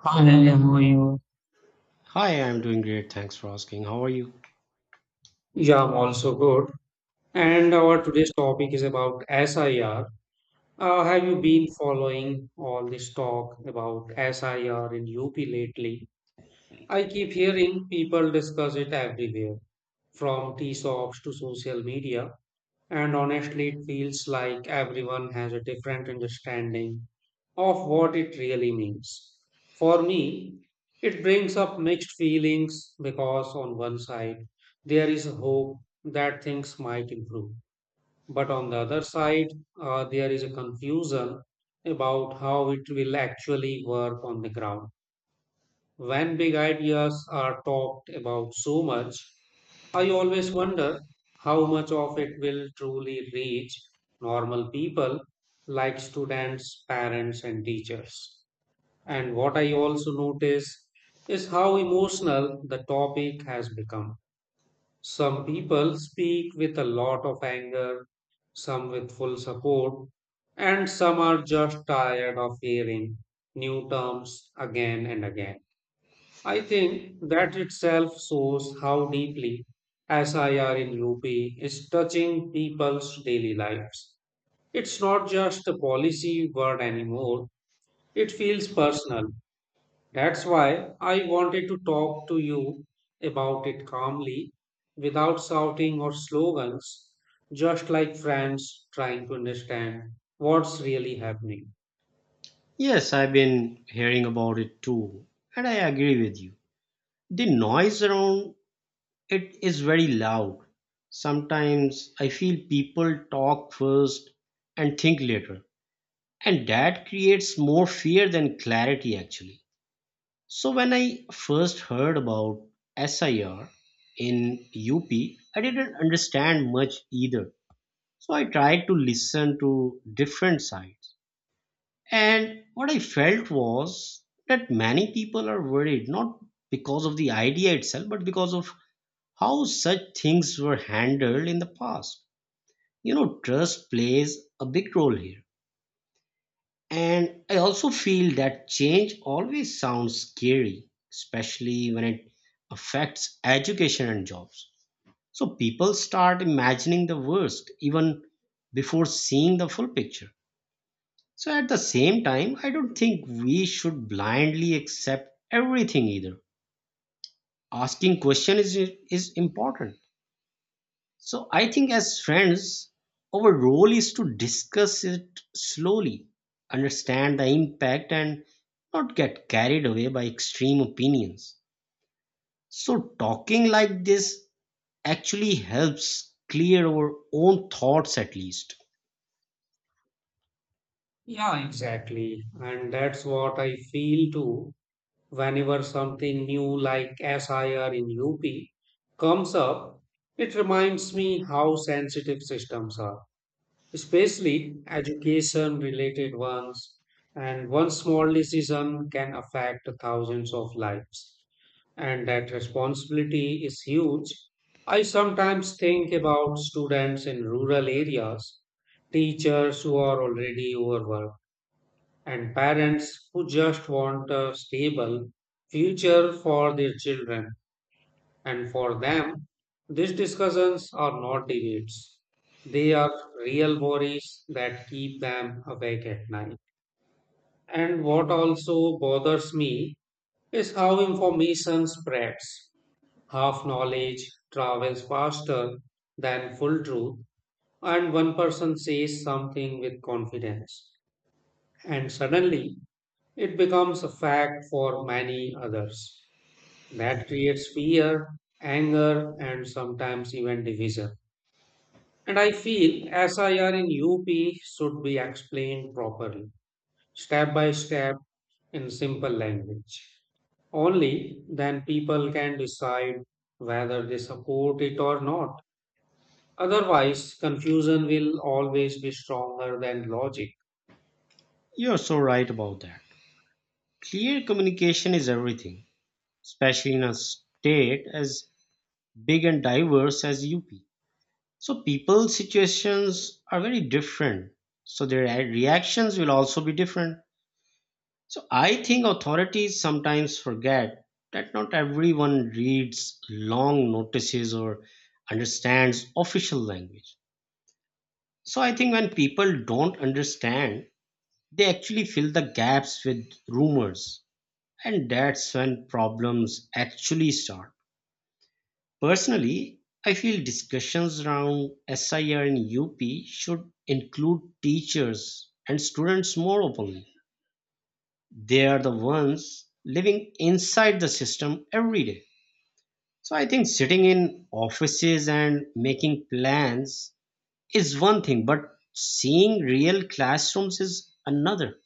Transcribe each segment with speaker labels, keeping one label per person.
Speaker 1: Hi, how are you?
Speaker 2: Hi, I'm doing great. Thanks for asking. How are you?
Speaker 1: Yeah, I'm also good. And our today's topic is about SIR. Have you been following all this talk about SIR in UP lately? I keep hearing people discuss it everywhere, from tea shops to social media. And honestly, it feels like everyone has a different understanding of what it really means. For me, it brings up mixed feelings because, on one side, there is a hope that things might improve. But on the other side, there is a confusion about how it will actually work on the ground. When big ideas are talked about so much, I always wonder how much of it will truly reach normal people like students, parents, and teachers. And what I also notice is how emotional the topic has become. Some people speak with a lot of anger, some with full support, and some are just tired of hearing new terms again and again. I think that itself shows how deeply SIR in UP is touching people's daily lives. It's not just a policy word anymore, it feels personal. That's why I wanted to talk to you about it calmly, without shouting or slogans, just like friends trying to understand what's really happening.
Speaker 2: Yes, I've been hearing about it too, and I agree with you. The noise around it is very loud. Sometimes I feel people talk first and think later, and that creates more fear than clarity actually. So when I first heard about SIR in UP, I didn't understand much either. So I tried to listen to different sides. And what I felt was that many people are worried not because of the idea itself, but because of how such things were handled in the past. You know, trust plays a big role here. And I also feel that change always sounds scary, especially when it affects education and jobs. So people start imagining the worst even before seeing the full picture. So at the same time, I don't think we should blindly accept everything either. Asking question is important. So I think as friends, our role is to discuss it slowly, understand the impact and not get carried away by extreme opinions. So talking like this actually helps clear our own thoughts at least.
Speaker 1: Yeah, exactly. And that's what I feel too. Whenever something new like SIR in UP comes up, it reminds me how sensitive systems are, especially education related ones. And one small decision can affect thousands of lives. And that responsibility is huge. I sometimes think about students in rural areas, teachers who are already overworked and parents who just want a stable future for their children. And for them, these discussions are not debates. They are real worries that keep them awake at night. And what also bothers me is how information spreads. Half knowledge travels faster than full truth, and one person says something with confidence. And suddenly, it becomes a fact for many others. That creates fear, anger, and sometimes even division. And I feel SIR in UP should be explained properly, step by step, in simple language. Only then people can decide whether they support it or not. Otherwise, confusion will always be stronger than logic.
Speaker 2: You're so right about that. Clear communication is everything, especially in a state as big and diverse as UP. So people's situations are very different. So their reactions will also be different. So I think authorities sometimes forget that not everyone reads long notices or understands official language. So I think when people don't understand, they actually fill the gaps with rumors. And that's when problems actually start. Personally, I feel discussions around SIR and UP should include teachers and students more openly. They are the ones living inside the system every day. So I think sitting in offices and making plans is one thing, but seeing real classrooms is another.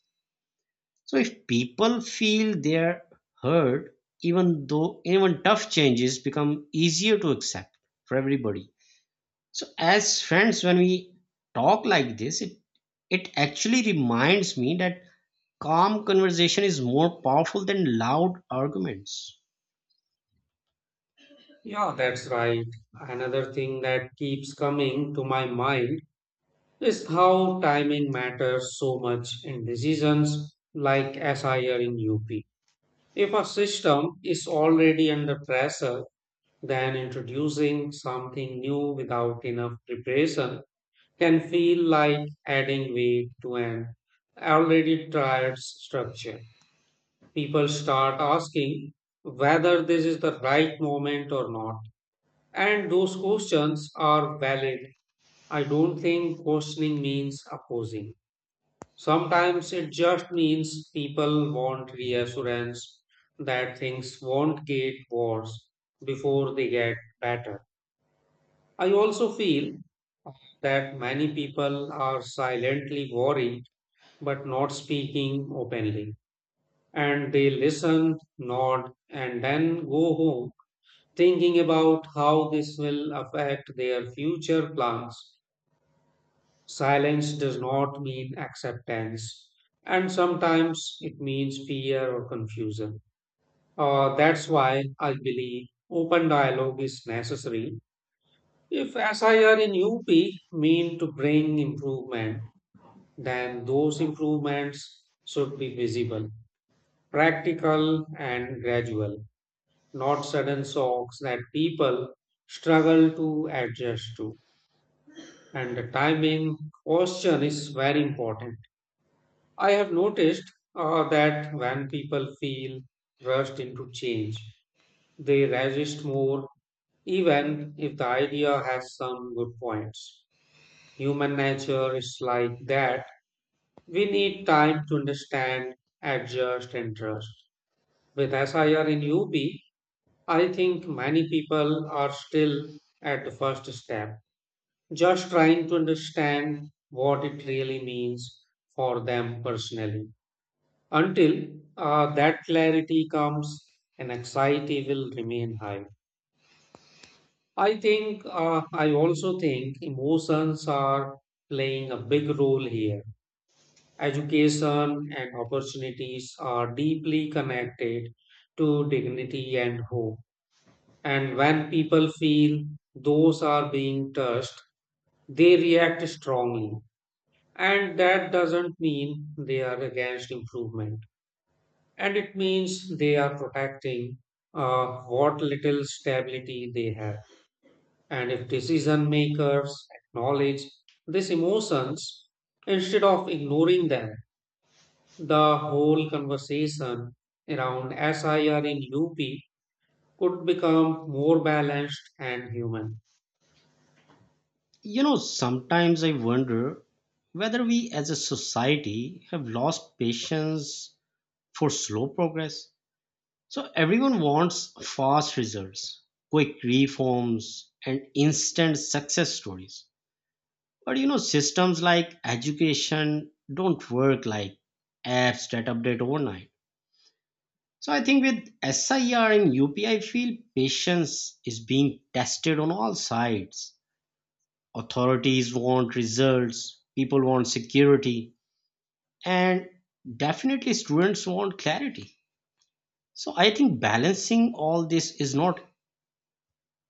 Speaker 2: So if people feel they're heard, even though even tough changes become easier to accept for everybody. So as friends, when we talk like this, it actually reminds me that calm conversation is more powerful than loud arguments.
Speaker 1: Yeah, that's right. Another thing that keeps coming to my mind is how timing matters so much in decisions like SIR in UP. If a system is already under pressure, then introducing something new without enough preparation can feel like adding weight to an already tired structure. People start asking whether this is the right moment or not, and those questions are valid. I don't think questioning means opposing. Sometimes it just means people want reassurance that things won't get worse before they get better. I also feel that many people are silently worried but not speaking openly. And they listen, nod, and then go home thinking about how this will affect their future plans. Silence does not mean acceptance, and sometimes it means fear or confusion. That's why I believe open dialogue is necessary. If SIR in UP mean to bring improvement, then those improvements should be visible, practical, and gradual, not sudden shocks that people struggle to adjust to. And the timing question is very important. I have noticed that when people feel rushed into change, they resist more, even if the idea has some good points. Human nature is like that. We need time to understand, adjust, and trust. With SIR in UP, I think many people are still at the first step, just trying to understand what it really means for them personally. Until that clarity comes, an anxiety will remain high. I also think emotions are playing a big role here. Education and opportunities are deeply connected to dignity and hope. And when people feel those are being touched, they react strongly. And that doesn't mean they are against improvement. And it means they are protecting uh, what little stability they have. And if decision makers acknowledge these emotions instead of ignoring them, the whole conversation around SIR in UP could become more balanced and human.
Speaker 2: You know, sometimes I wonder whether we as a society have lost patience for slow progress. So everyone wants fast results, quick reforms, and instant success stories. But you know, systems like education don't work like apps that update overnight. So I think with SIR and UPI, feel patience is being tested on all sides. Authorities want results, people want security, and definitely students want clarity. So I think balancing all this is not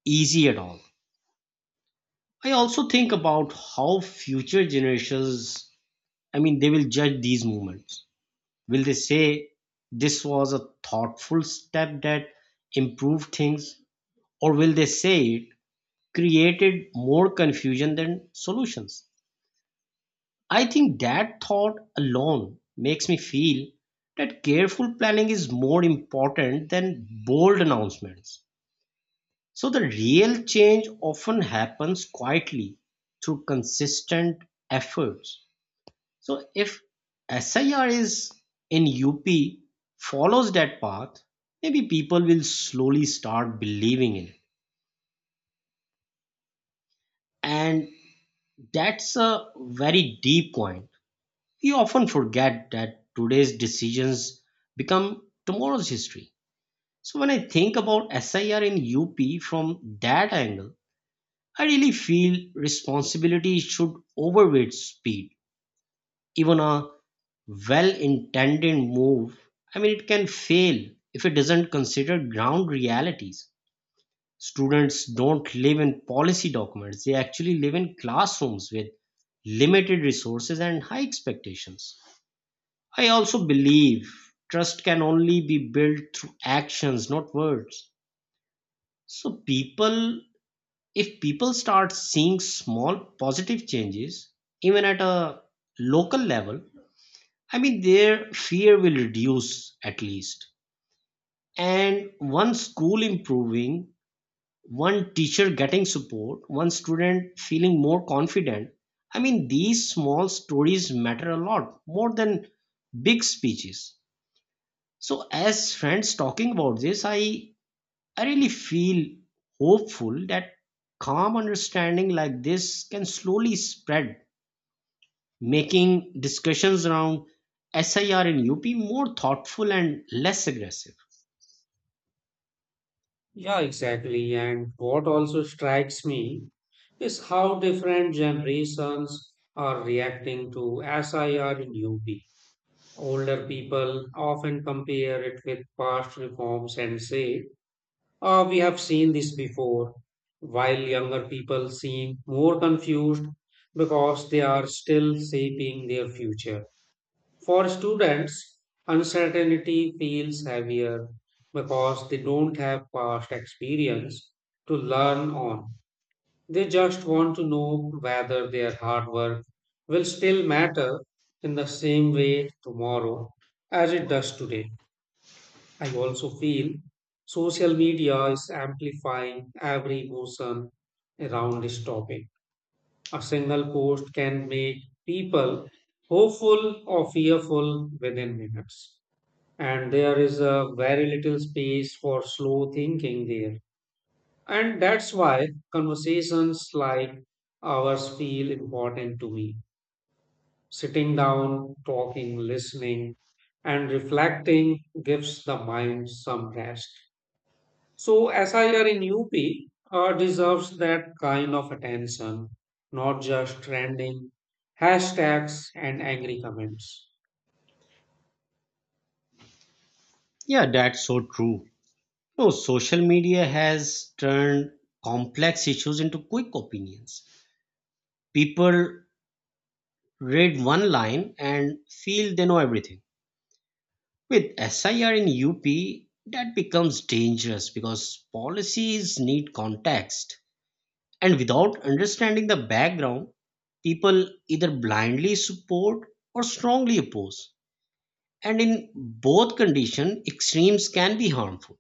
Speaker 2: easy at all. I also think about how future generations, I mean, they will judge these movements. Will they say, "This was a thoughtful step that improved things," or will they say it created more confusion than solutions? I think that thought alone makes me feel that careful planning is more important than bold announcements. So the real change often happens quietly through consistent efforts. So if SIR is in UP follows that path, maybe people will slowly start believing in it. And that's a very deep point. We often forget that today's decisions become tomorrow's history. So when I think about SIR in UP from that angle, I really feel responsibility should overweight speed, even a well-intended move, I mean, it can fail if it doesn't consider ground realities. Students don't live in policy documents, they actually live in classrooms with limited resources and high expectations. I also believe trust can only be built through actions, not words. So, if people start seeing small positive changes, even at a local level, I mean, their fear will reduce at least. And one school improving, one teacher getting support, one student feeling more confident. I mean, these small stories matter a lot more than big speeches. So, as friends talking about this, I really feel hopeful that calm understanding like this can slowly spread, making discussions around SIR in UP more thoughtful and less aggressive.
Speaker 1: Yeah, exactly. And what also strikes me is how different generations are reacting to SIR in UP. Older people often compare it with past reforms and say, oh, we have seen this before, while younger people seem more confused because they are still shaping their future. For students, uncertainty feels heavier because they don't have past experience to learn on. They just want to know whether their hard work will still matter in the same way tomorrow as it does today. I also feel social media is amplifying every emotion around this topic. A single post can make people hopeful or fearful within minutes. And there is a very little space for slow thinking there. And that's why conversations like ours feel important to me. Sitting down, talking, listening, and reflecting gives the mind some rest. So, SIR in UP deserves that kind of attention, not just trending hashtags and angry comments.
Speaker 2: Yeah, that's so true. No, social media has turned complex issues into quick opinions. People read one line and feel they know everything. With SIR in UP, that becomes dangerous because policies need context. And without understanding the background, people either blindly support or strongly oppose. And in both conditions, extremes can be harmful.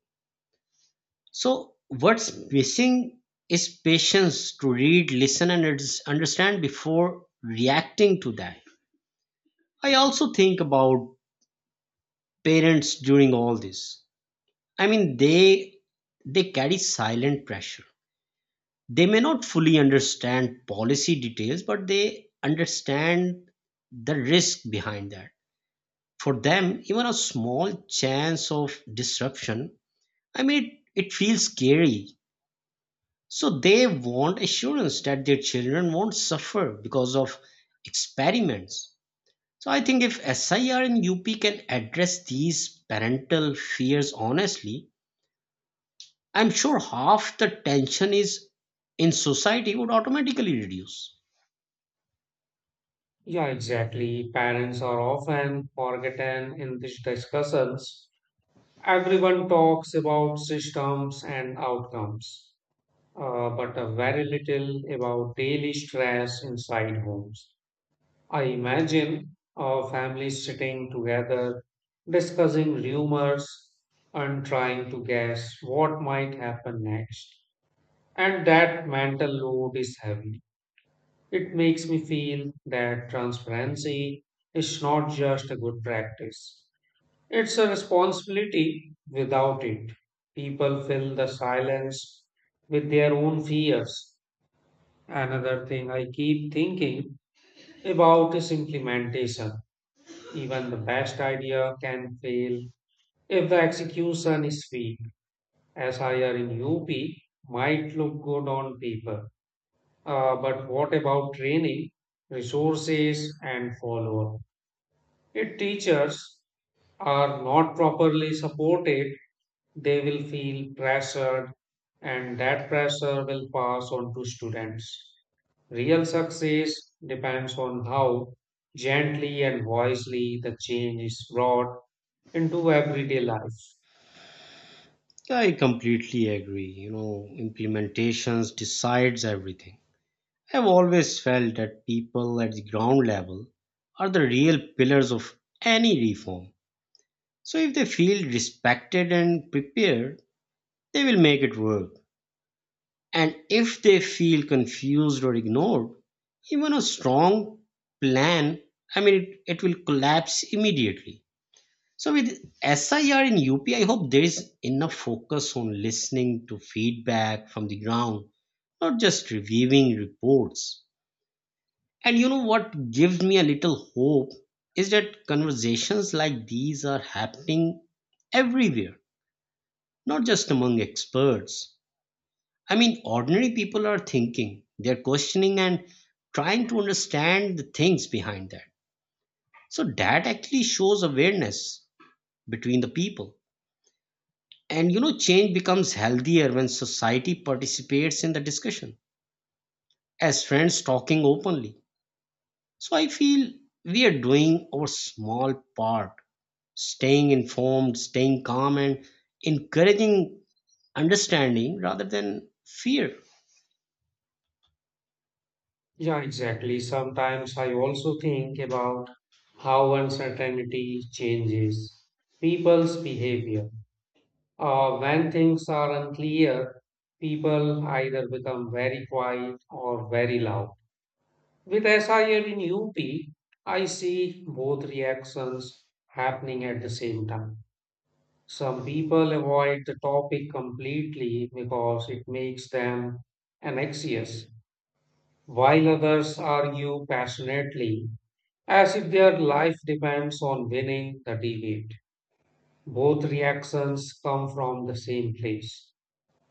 Speaker 2: So what's missing is patience to read, listen and understand before reacting to that. I also think about parents during all this. I mean, they carry silent pressure. They may not fully understand policy details, but they understand the risk behind that. For them, even a small chance of disruption, I mean, it feels scary. So they want assurance that their children won't suffer because of experiments. So I think if SIR and UP can address these parental fears honestly, I'm sure half the tension is in society would automatically reduce.
Speaker 1: Yeah, exactly. Parents are often forgotten in these discussions. Everyone talks about systems and outcomes, but very little about daily stress inside homes. I imagine families sitting together, discussing rumors and trying to guess what might happen next. And that mental load is heavy. It makes me feel that transparency is not just a good practice, it's a responsibility. Without it, people fill the silence with their own fears. Another thing I keep thinking about is implementation. Even the best idea can fail if the execution is weak. SIR in UP might look good on paper. But what about training, resources, and follow up? If teachers are not properly supported, they will feel pressured and that pressure will pass on to students. Real success depends on how gently and wisely the change is brought into everyday life.
Speaker 2: I completely agree. You know, implementations decides everything. I've always felt that people at the ground level are the real pillars of any reform. So if they feel respected and prepared, they will make it work. And if they feel confused or ignored, even a strong plan, I mean, it will collapse immediately. So with SIR and UP, I hope there is enough focus on listening to feedback from the ground, not just reviewing reports. And you know what gives me a little hope is that conversations like these are happening everywhere, not just among experts. I mean, ordinary people are thinking, they're questioning and trying to understand the things behind that. So that actually shows awareness between the people. And you know, change becomes healthier when society participates in the discussion as friends talking openly. So I feel we are doing our small part, staying informed, staying calm, and encouraging understanding rather than fear.
Speaker 1: Yeah, exactly. Sometimes I also think about how uncertainty changes people's behavior. When things are unclear, people either become very quiet or very loud. With SIM in UP, I see both reactions happening at the same time. Some people avoid the topic completely because it makes them anxious, while others argue passionately as if their life depends on winning the debate. Both reactions come from the same place,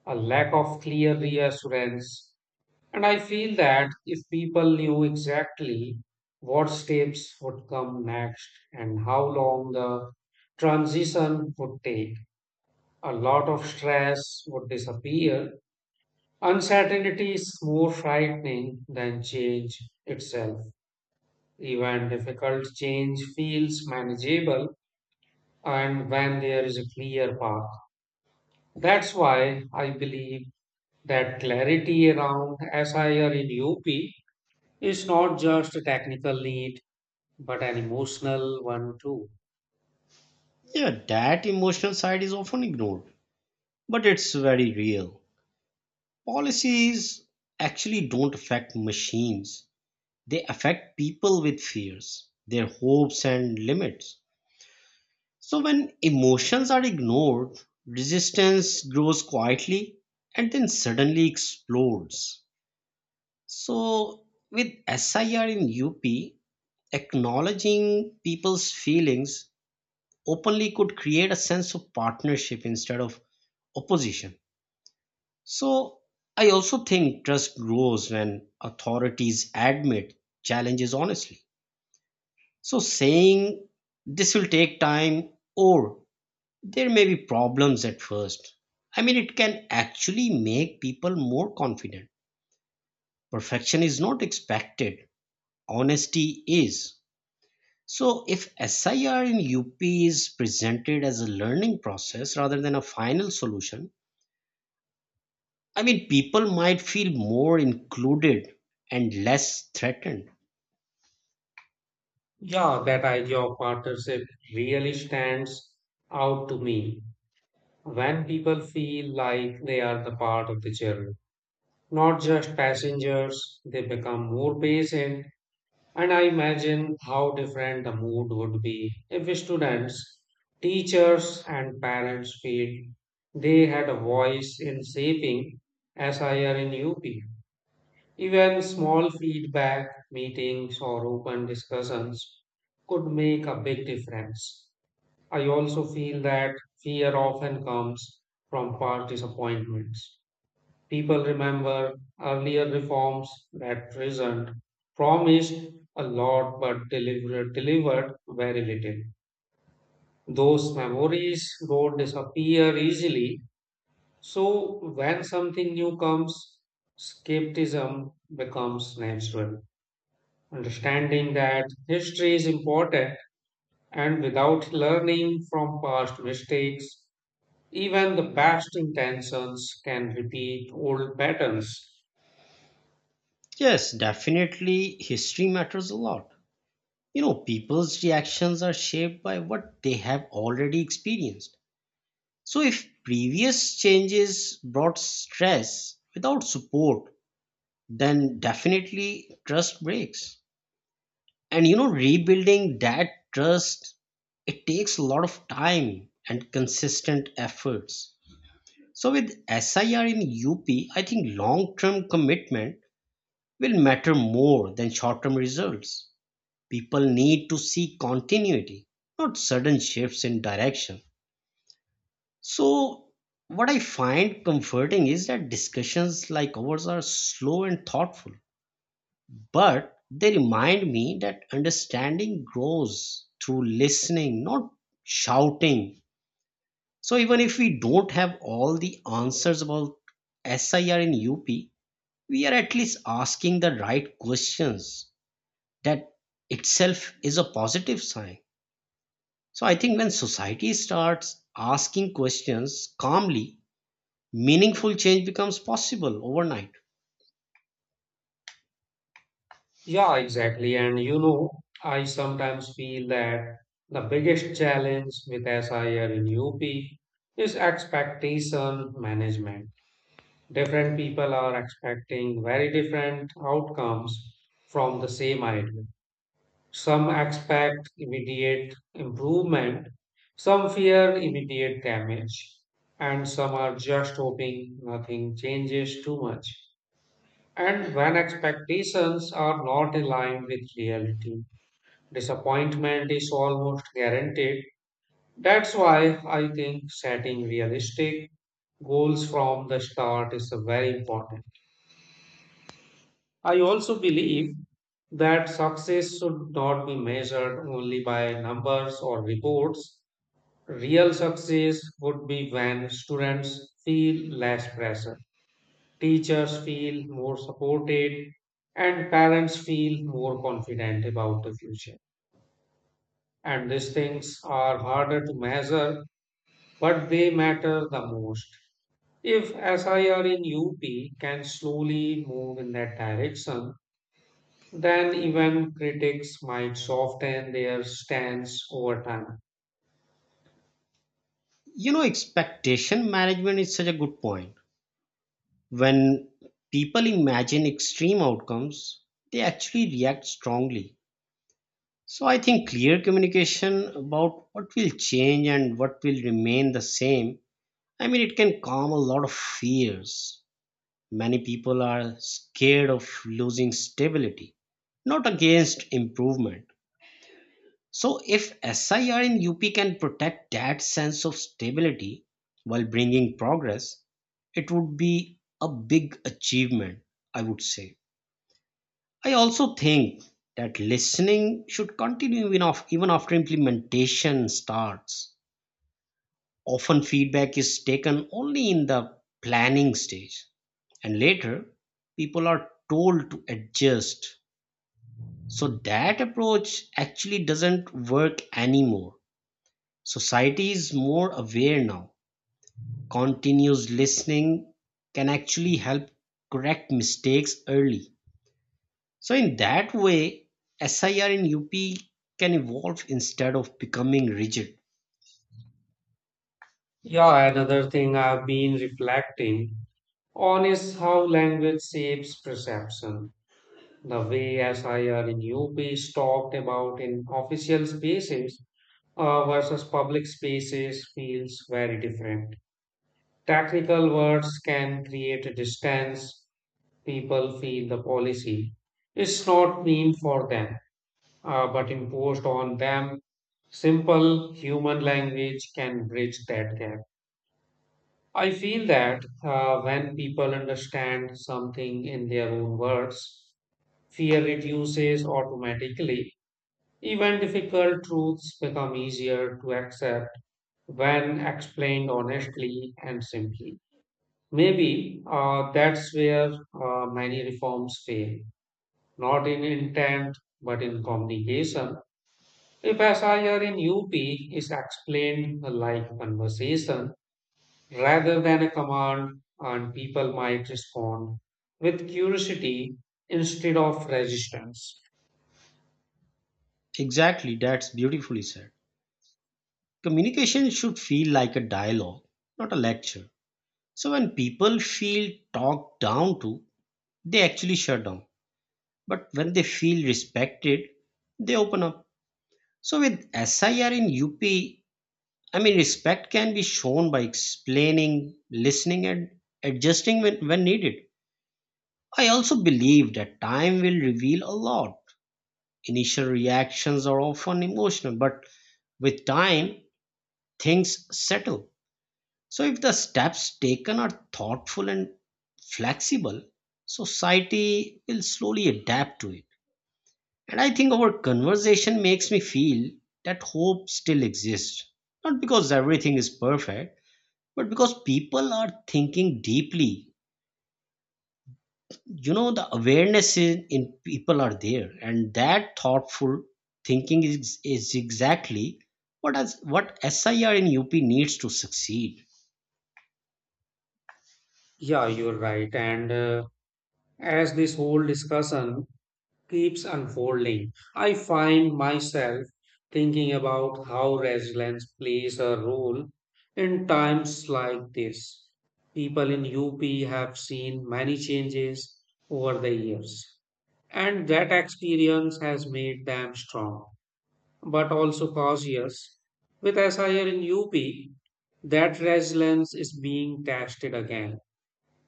Speaker 1: a lack of clear reassurance. And I feel that if people knew exactly what steps would come next and how long the transition would take, a lot of stress would disappear. Uncertainty is more frightening than change itself. Even difficult change feels manageable and when there is a clear path. That's why I believe that clarity around SIR in UP is not just a technical need but an emotional one too.
Speaker 2: Yeah, that emotional side is often ignored, but it's very real. Policies actually don't affect machines, they affect people with fears, their hopes, and limits. So, when emotions are ignored, resistance grows quietly and then suddenly explodes. So, with SIR in UP, acknowledging people's feelings openly could create a sense of partnership instead of opposition. So I also think trust grows when authorities admit challenges honestly. So saying this will take time, or there may be problems at first. I mean, it can actually make people more confident. Perfection is not expected, honesty is. So if SIR in UP is presented as a learning process rather than a final solution, I mean, people might feel more included and less threatened.
Speaker 1: Yeah, that idea of partnership really stands out to me when people feel like they are the part of the journey, not just passengers, they become more patient. And I imagine how different the mood would be if students, teachers, and parents feel they had a voice in shaping SIR in UP. Even small feedback meetings or open discussions could make a big difference. I also feel that fear often comes from past disappointments. People remember earlier reforms that present promised a lot but delivered very little. Those memories don't disappear easily. So when something new comes, skepticism becomes natural. Understanding that history is important and without learning from past mistakes, even the best intentions can repeat old patterns.
Speaker 2: Yes, definitely, history matters a lot. You know, people's reactions are shaped by what they have already experienced. So, if previous changes brought stress without support, then definitely trust breaks. And you know, rebuilding that trust, it takes a lot of time and consistent efforts. So with SIR in UP, I think long-term commitment will matter more than short-term results. People need to see continuity, not sudden shifts in direction. So what I find comforting is that discussions like ours are slow and thoughtful, but they remind me that understanding grows through listening, not shouting. So even if we don't have all the answers about SIR in UP, we are at least asking the right questions. That itself is a positive sign. So I think when society starts asking questions calmly, meaningful change becomes possible overnight.
Speaker 1: Yeah, exactly. And you know, I sometimes feel that the biggest challenge with SIR in UP is expectation management. Different people are expecting very different outcomes from the same idea. Some expect immediate improvement, some fear immediate damage, and some are just hoping nothing changes too much. And when expectations are not aligned with reality, disappointment is almost guaranteed. That's why I think setting realistic goals from the start is very important. I also believe that success should not be measured only by numbers or reports. Real success would be when students feel less pressure, teachers feel more supported, and parents feel more confident about the future. And these things are harder to measure, but they matter the most. If SIR in UP can slowly move in that direction, then even critics might soften their stance over time.
Speaker 2: You know, expectation management is such a good point. When people imagine extreme outcomes, they actually react strongly. So I think clear communication about what will change and what will remain the same, I mean, it can calm a lot of fears. Many people are scared of losing stability, not against improvement. So, if SIR in UP can protect that sense of stability while bringing progress, it would be a big achievement, I would say. I also think that listening should continue even after implementation starts. Often, feedback is taken only in the planning stage. And later, people are told to adjust. So that approach actually doesn't work anymore. Society is more aware now. Continuous listening can actually help correct mistakes early. So, in that way, SIR in UP can evolve instead of becoming rigid.
Speaker 1: Yeah, another thing I've been reflecting on is how language shapes perception. The way SIR in UP is talked about in official spaces versus public spaces feels very different. Technical words can create a distance. People feel the policy is not mean for them, but imposed on them. Simple human language can bridge that gap. I feel that when people understand something in their own words, fear reduces automatically. Even difficult truths become easier to accept when explained honestly and simply. Maybe that's where many reforms fail, not in intent but in communication. If SIR in UP is explained like conversation, rather than a command, and people might respond with curiosity instead of resistance.
Speaker 2: Exactly, that's beautifully said. Communication should feel like a dialogue, not a lecture. So when people feel talked down to, they actually shut down. But when they feel respected, they open up. So with SIR in UP, I mean, respect can be shown by explaining, listening, and adjusting when needed. I also believe that time will reveal a lot. Initial reactions are often emotional, but with time, things settle. So if the steps taken are thoughtful and flexible, society will slowly adapt to it. And I think our conversation makes me feel that hope still exists. Not because everything is perfect, but because people are thinking deeply. You know, the awareness in people are there, and that thoughtful thinking is exactly what SIR in UP needs to succeed.
Speaker 1: Yeah, you're right. And as this whole discussion keeps unfolding, I find myself thinking about how resilience plays a role in times like this. People in UP have seen many changes over the years, and that experience has made them strong but also cause years. With SIR in UP, that resilience is being tested again.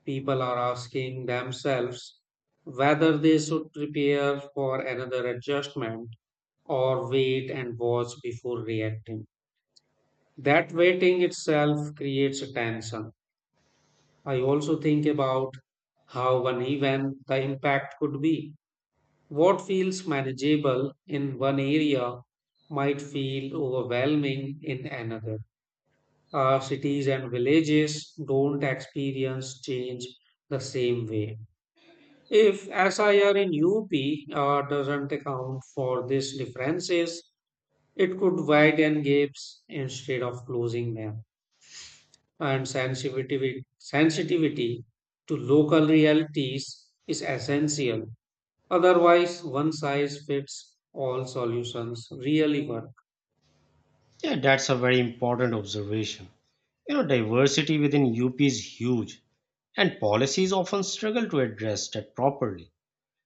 Speaker 1: People are asking themselves whether they should prepare for another adjustment or wait and watch before reacting. That waiting itself creates a tension. I also think about how uneven the impact could be. What feels manageable in one area might feel overwhelming in another. Our cities and villages don't experience change the same way. If SIR in UP doesn't account for these differences, it could widen gaps instead of closing them. And sensitivity to local realities is essential. Otherwise, one size fits all solutions really work.
Speaker 2: Yeah, that's a very important observation. You know, diversity within UP is huge, and policies often struggle to address that properly.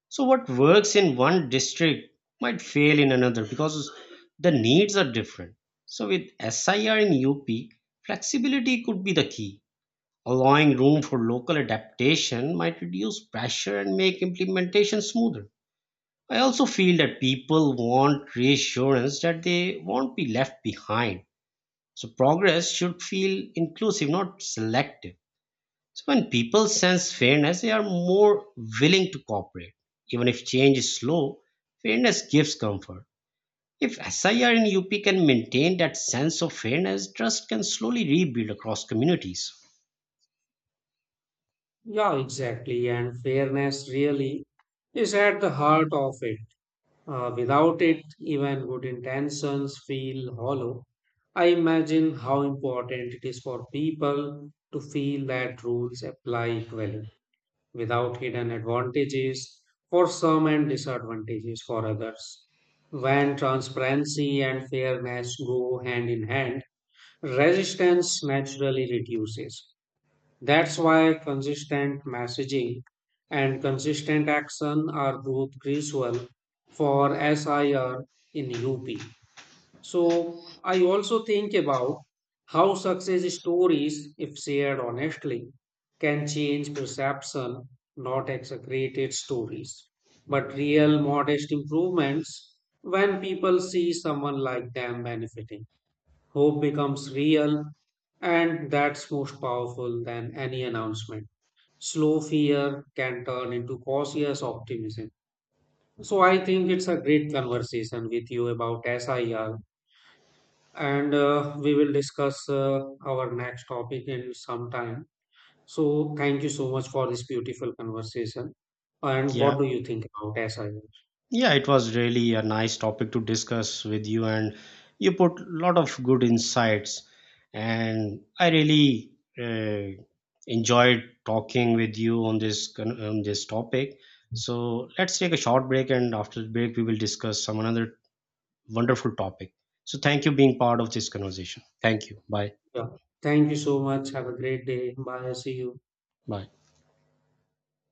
Speaker 2: So what works in one district might fail in another because the needs are different. So with SIR in UP, flexibility could be the key. Allowing room for local adaptation might reduce pressure and make implementation smoother. I also feel that people want reassurance that they won't be left behind. So progress should feel inclusive, not selective. So when people sense fairness, they are more willing to cooperate. Even if change is slow, fairness gives comfort. If SIR and UP can maintain that sense of fairness, trust can slowly rebuild across communities.
Speaker 1: Yeah, exactly. And fairness really is at the heart of it. Without it, even good intentions feel hollow. I imagine how important it is for people to feel that rules apply equally, without hidden advantages for some and disadvantages for others. When transparency and fairness go hand in hand, resistance naturally reduces. That's why consistent messaging and consistent action are group crucial for SIR in UP. So I also think about how success stories, if shared honestly, can change perception, not exaggerated stories, but real modest improvements when people see someone like them benefiting. Hope becomes real, and that's most powerful than any announcement. Slow fear can turn into cautious optimism. So, I think it's a great conversation with you about SIR, and we will discuss our next topic in some time. So, thank you so much for this beautiful conversation. And what
Speaker 2: Yeah.
Speaker 1: do you think about SIR?
Speaker 2: Yeah, it was really a nice topic to discuss with you, and you put a lot of good insights. And I really uh, enjoyed talking with you on this on this topic. So let's take a short break, and after the break, we will discuss some another wonderful topic. So thank you being part of this conversation. Thank you. Bye.
Speaker 1: Yeah. Thank you so much. Have a great day. Bye. See you.
Speaker 2: Bye.